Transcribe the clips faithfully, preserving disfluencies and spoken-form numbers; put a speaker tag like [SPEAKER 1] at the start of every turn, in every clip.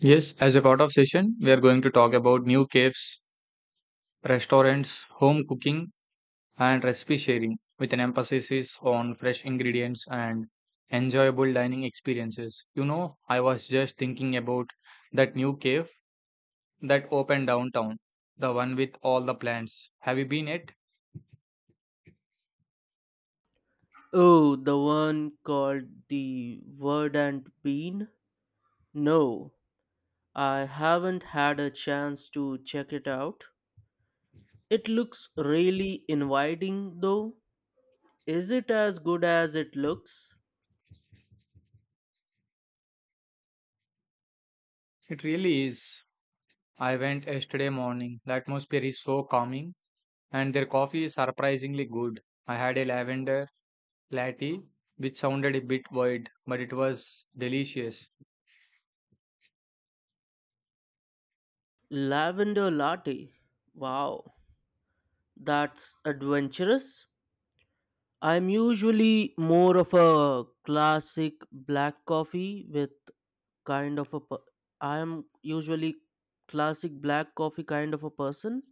[SPEAKER 1] Yes, as a part of session, we are going to talk about new caves, restaurants, home cooking, and recipe sharing with an emphasis is on fresh ingredients and enjoyable dining experiences. You know, I was just thinking about that new cave that opened downtown, the one with all the plants. Have you been it?
[SPEAKER 2] Oh, the one called The Word and Bean? No, I haven't had a chance to check it out. It looks really inviting though. Is it as good as it looks?
[SPEAKER 1] It really is. I went yesterday morning. The atmosphere is so calming, and their coffee is surprisingly good. I had a lavender latte, which sounded a bit weird, but it was delicious.
[SPEAKER 2] Lavender latte. Wow, that's adventurous. I'm usually more of a classic black coffee with kind of a per- I am usually classic black coffee kind of a person.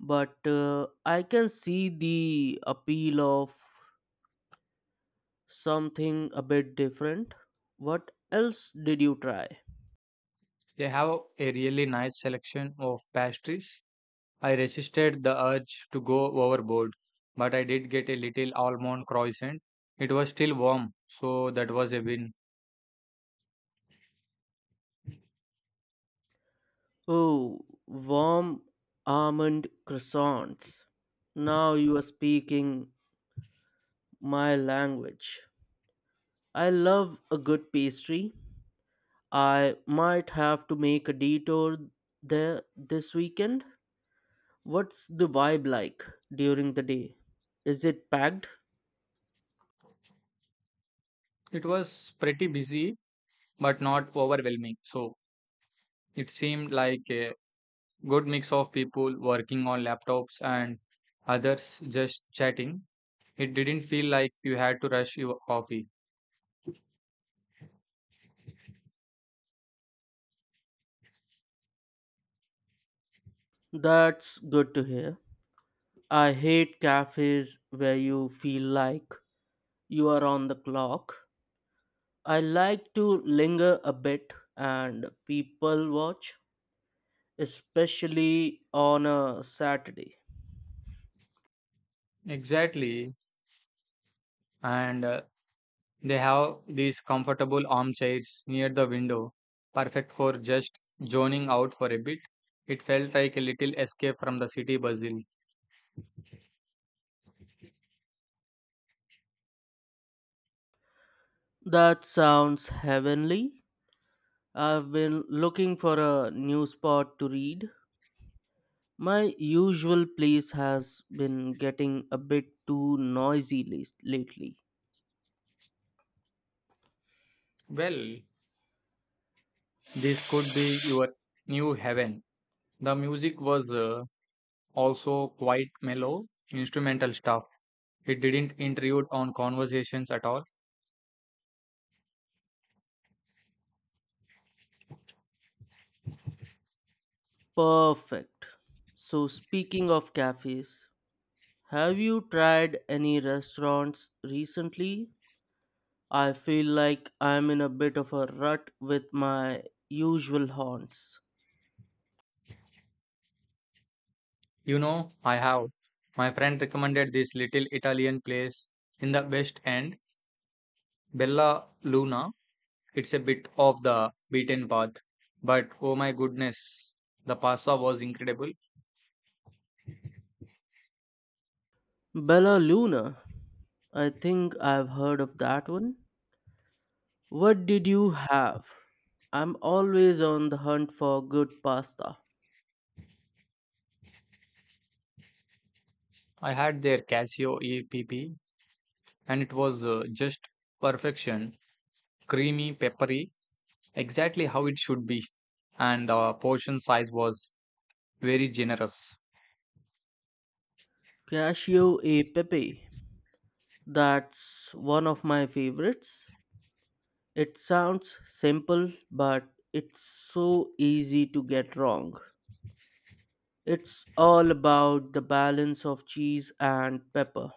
[SPEAKER 2] but uh, I can see the appeal of something a bit different. What else did you try?
[SPEAKER 1] They have a really nice selection of pastries. I resisted the urge to go overboard, but I did get a little almond croissant. It was still warm, so that was a win.
[SPEAKER 2] Oh, warm almond croissants. Now you are speaking my language. I love a good pastry. I might have to make a detour there this weekend. What's the vibe like during the day? Is it packed?
[SPEAKER 1] It was pretty busy, but not overwhelming. So it seemed like a good mix of people working on laptops and others just chatting. It didn't feel like you had to rush your coffee.
[SPEAKER 2] That's good to hear. I hate cafes where you feel like you are on the clock. I like to linger a bit and people watch, especially on a Saturday.
[SPEAKER 1] Exactly. and uh, they have these comfortable armchairs near the window, perfect for just zoning out for a bit. It felt like a little escape from the city bustle.
[SPEAKER 2] That sounds heavenly. I've been looking for a new spot to read. My usual place has been getting a bit too noisy last- lately.
[SPEAKER 1] Well, this could be your new heaven. The music was uh, also quite mellow, instrumental stuff. It didn't intrude on conversations at all.
[SPEAKER 2] Perfect. So, speaking of cafes, have you tried any restaurants recently? I feel like I'm in a bit of a rut with my usual haunts.
[SPEAKER 1] You know, I have. My friend recommended this little Italian place in the West End, Bella Luna. It's a bit off the beaten path, but oh my goodness, the pasta was incredible.
[SPEAKER 2] Bella Luna. I think I've heard of that one. What did you have? I'm always on the hunt for good pasta.
[SPEAKER 1] I had their Casio E P P and it was uh, just perfection, creamy, peppery, exactly how it should be. And the portion size was very generous.
[SPEAKER 2] Cascio e pepe. That's one of my favorites. It sounds simple, but it's so easy to get wrong. It's all about the balance of cheese and pepper.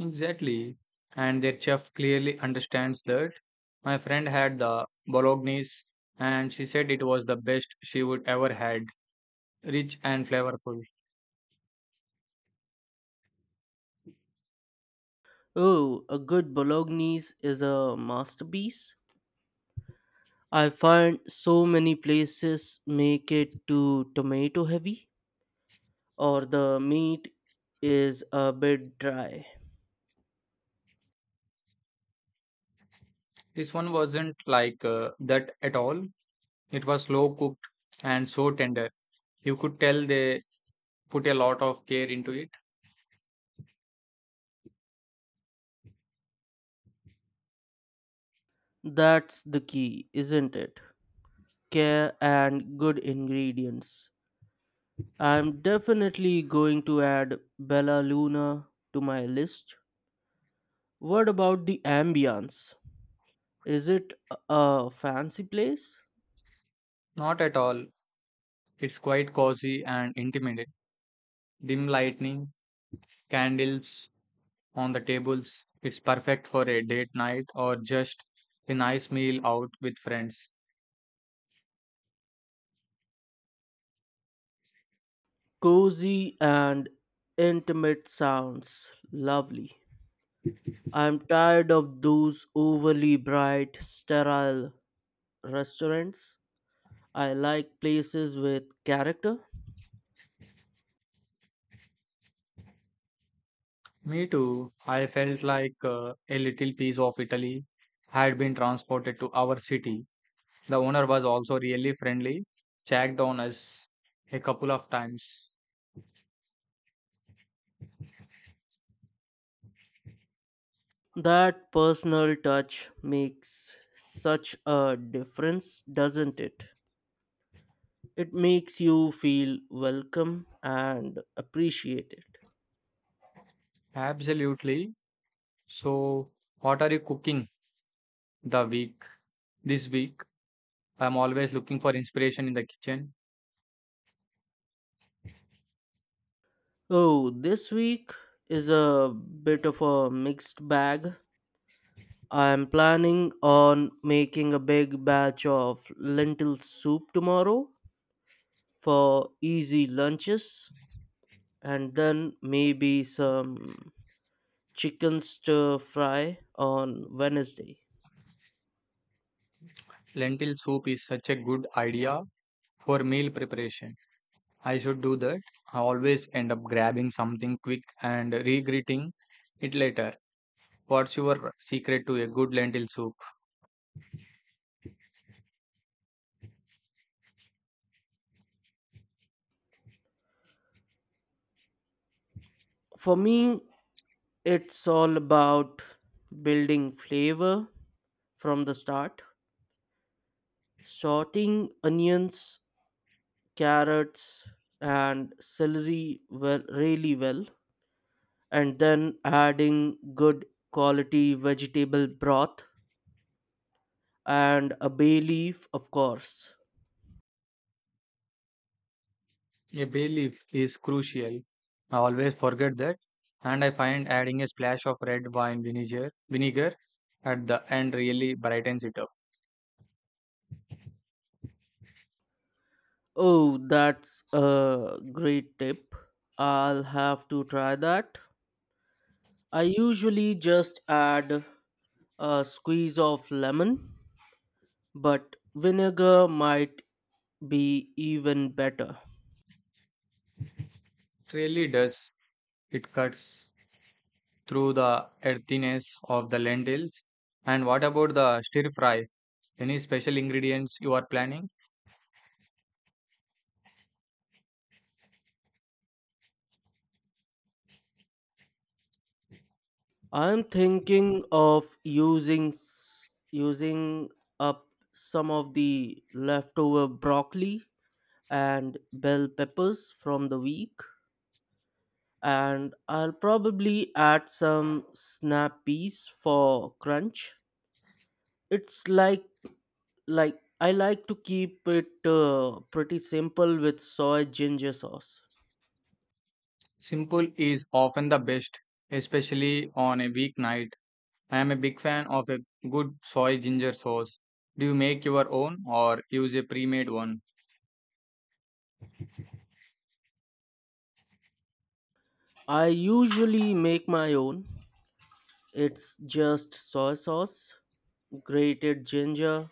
[SPEAKER 1] Exactly. And their chef clearly understands that. My friend had the bolognese and she said it was the best she would ever had, rich and flavorful.
[SPEAKER 2] Oh, a good bolognese is a masterpiece. I find so many places make it too tomato heavy or the meat is a bit dry.
[SPEAKER 1] This one wasn't like uh, that at all. It was slow cooked and so tender. You could tell they put a lot of care into it.
[SPEAKER 2] That's the key, isn't it? Care and good ingredients. I'm definitely going to add Bella Luna to my list. What about the ambience? Is it a a fancy place?
[SPEAKER 1] Not at all. It's quite cozy and intimate. Dim lighting, candles on the tables. It's perfect for a date night or just a nice meal out with friends.
[SPEAKER 2] Cozy and intimate sounds lovely. I'm tired of those overly bright, sterile restaurants. I like places with character.
[SPEAKER 1] Me too. I felt like uh, a little piece of Italy had been transported to our city. The owner was also really friendly, checked on us a couple of times.
[SPEAKER 2] That personal touch makes such a difference, doesn't it? It makes you feel welcome and appreciated.
[SPEAKER 1] Absolutely. So, what are you cooking the week? This week, I'm always looking for inspiration in the kitchen.
[SPEAKER 2] Oh, this week is a bit of a mixed bag. I'm planning on making a big batch of lentil soup tomorrow for easy lunches and then maybe some chicken stir fry on Wednesday.
[SPEAKER 1] Lentil soup is such a good idea for meal preparation. I should do that. I always end up grabbing something quick and regretting it later. What's your secret to a good lentil soup?
[SPEAKER 2] For me, it's all about building flavor from the start, sorting onions, carrots, and celery well, really well and then adding good quality vegetable broth and a bay leaf, of course.
[SPEAKER 1] A bay leaf is crucial. I always forget that, and I find adding a splash of red wine vinegar, vinegar at the end really brightens it up.
[SPEAKER 2] Oh, that's a great tip. I'll have to try that. I usually just add a squeeze of lemon, but vinegar might be even better.
[SPEAKER 1] It really does. It cuts through the earthiness of the lentils. And what about the stir fry? Any special ingredients you are planning?
[SPEAKER 2] I'm thinking of using s- using up some of the leftover broccoli and bell peppers from the week and I'll probably add some snap peas for crunch. It's like like I like to keep it uh, pretty simple with soy ginger sauce.
[SPEAKER 1] Simple is often the best, especially on a weeknight. I am a big fan of a good soy ginger sauce. Do you make your own or use a pre made one?
[SPEAKER 2] I usually make my own. It's just soy sauce, grated ginger,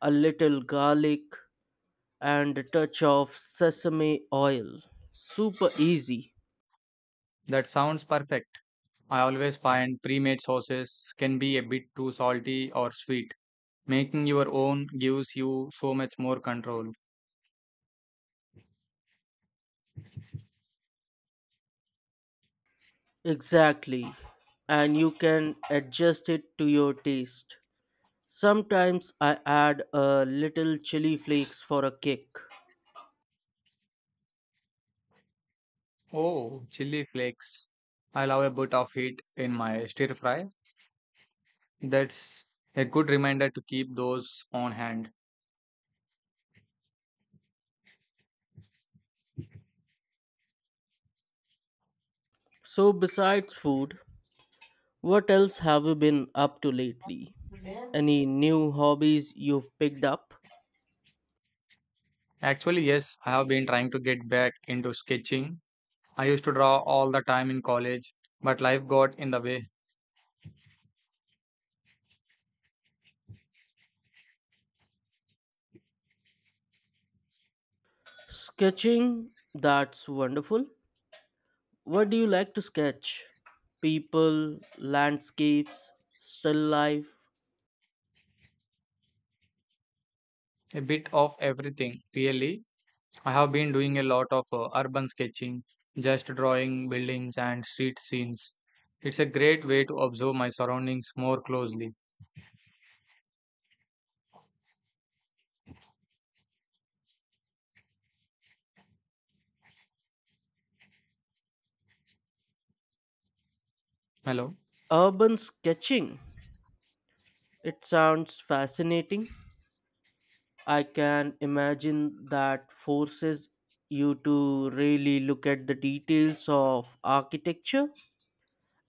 [SPEAKER 2] a little garlic, and a touch of sesame oil. Super easy.
[SPEAKER 1] That sounds perfect. I always find pre-made sauces can be a bit too salty or sweet. Making your own gives you so much more control.
[SPEAKER 2] Exactly. And you can adjust it to your taste. Sometimes I add a little chili flakes for a kick.
[SPEAKER 1] Oh, chili flakes. I love a bit of heat in my stir fry. That's a good reminder to keep those on hand.
[SPEAKER 2] So, besides food, what else have you been up to lately? Any new hobbies you've picked up?
[SPEAKER 1] Actually, yes, I have been trying to get back into sketching. I used to draw all the time in college, but life got in the way.
[SPEAKER 2] Sketching? That's wonderful. What do you like to sketch? People, landscapes, still life,
[SPEAKER 1] A bit of everything, really. I have been doing a lot of uh, urban sketching, just drawing buildings and street scenes. It's a great way to observe my surroundings more closely. Hello.
[SPEAKER 2] urban sketching. It sounds fascinating. I can imagine that forces you to really look at the details of architecture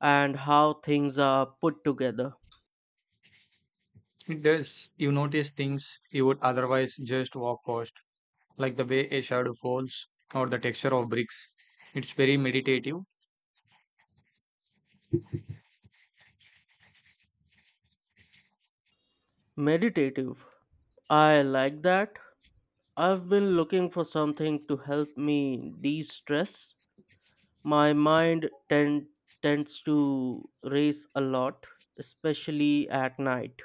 [SPEAKER 2] and how things are put together.
[SPEAKER 1] It does. You notice things you would otherwise just walk past, like the way a shadow falls or the texture of bricks. It's very meditative.
[SPEAKER 2] Meditative. I like that. I've been looking for something to help me de stress. My mind tend, tends to race a lot, especially at night.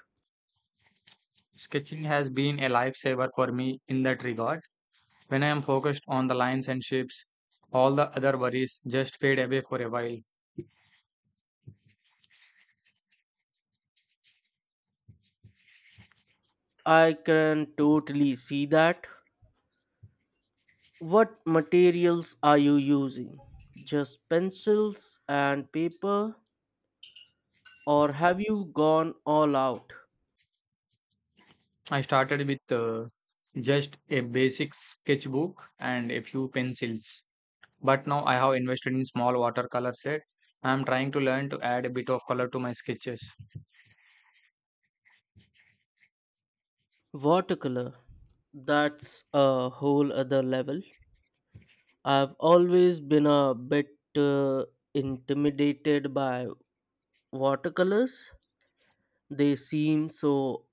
[SPEAKER 1] Sketching has been a lifesaver for me in that regard. When I am focused on the lines and shapes, all the other worries just fade away for a while.
[SPEAKER 2] I can totally see that. What materials are you using? Just pencils and paper, or have you gone all out?
[SPEAKER 1] I started with uh, just a basic sketchbook and a few pencils, but now I have invested in small watercolor set. I am trying to learn to add a bit of color to my sketches.
[SPEAKER 2] Watercolor. That's a whole other level. I've always been a bit uh, intimidated by watercolors. They seem so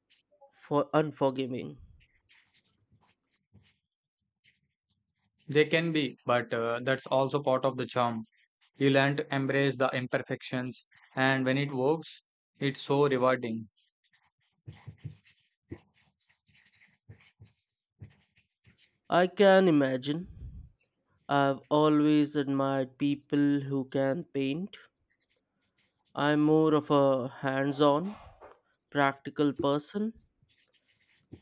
[SPEAKER 2] for unforgiving.
[SPEAKER 1] They can be, but uh, that's also part of the charm. You learn to embrace the imperfections, and when it works, it's so rewarding.
[SPEAKER 2] I can imagine. I've always admired people who can paint. I'm more of a hands on, practical person.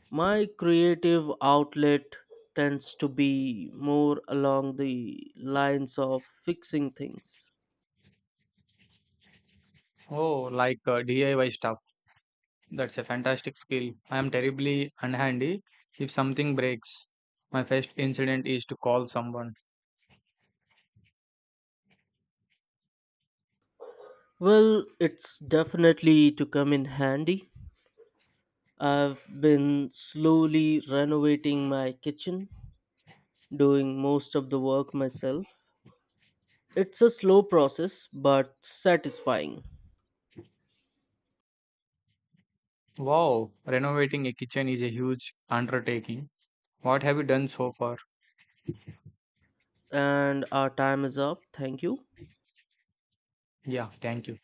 [SPEAKER 2] My creative outlet tends to be more along the lines of fixing things.
[SPEAKER 1] Oh, like uh, D I Y stuff. That's a fantastic skill. I am terribly unhandy if something breaks. My first incident is to call someone.
[SPEAKER 2] Well, it's definitely to come in handy. I've been slowly renovating my kitchen, doing most of the work myself. It's a slow process but satisfying.
[SPEAKER 1] Wow, renovating a kitchen is a huge undertaking. What have you done so far?
[SPEAKER 2] And our time is up. Thank you.
[SPEAKER 1] Yeah, thank you.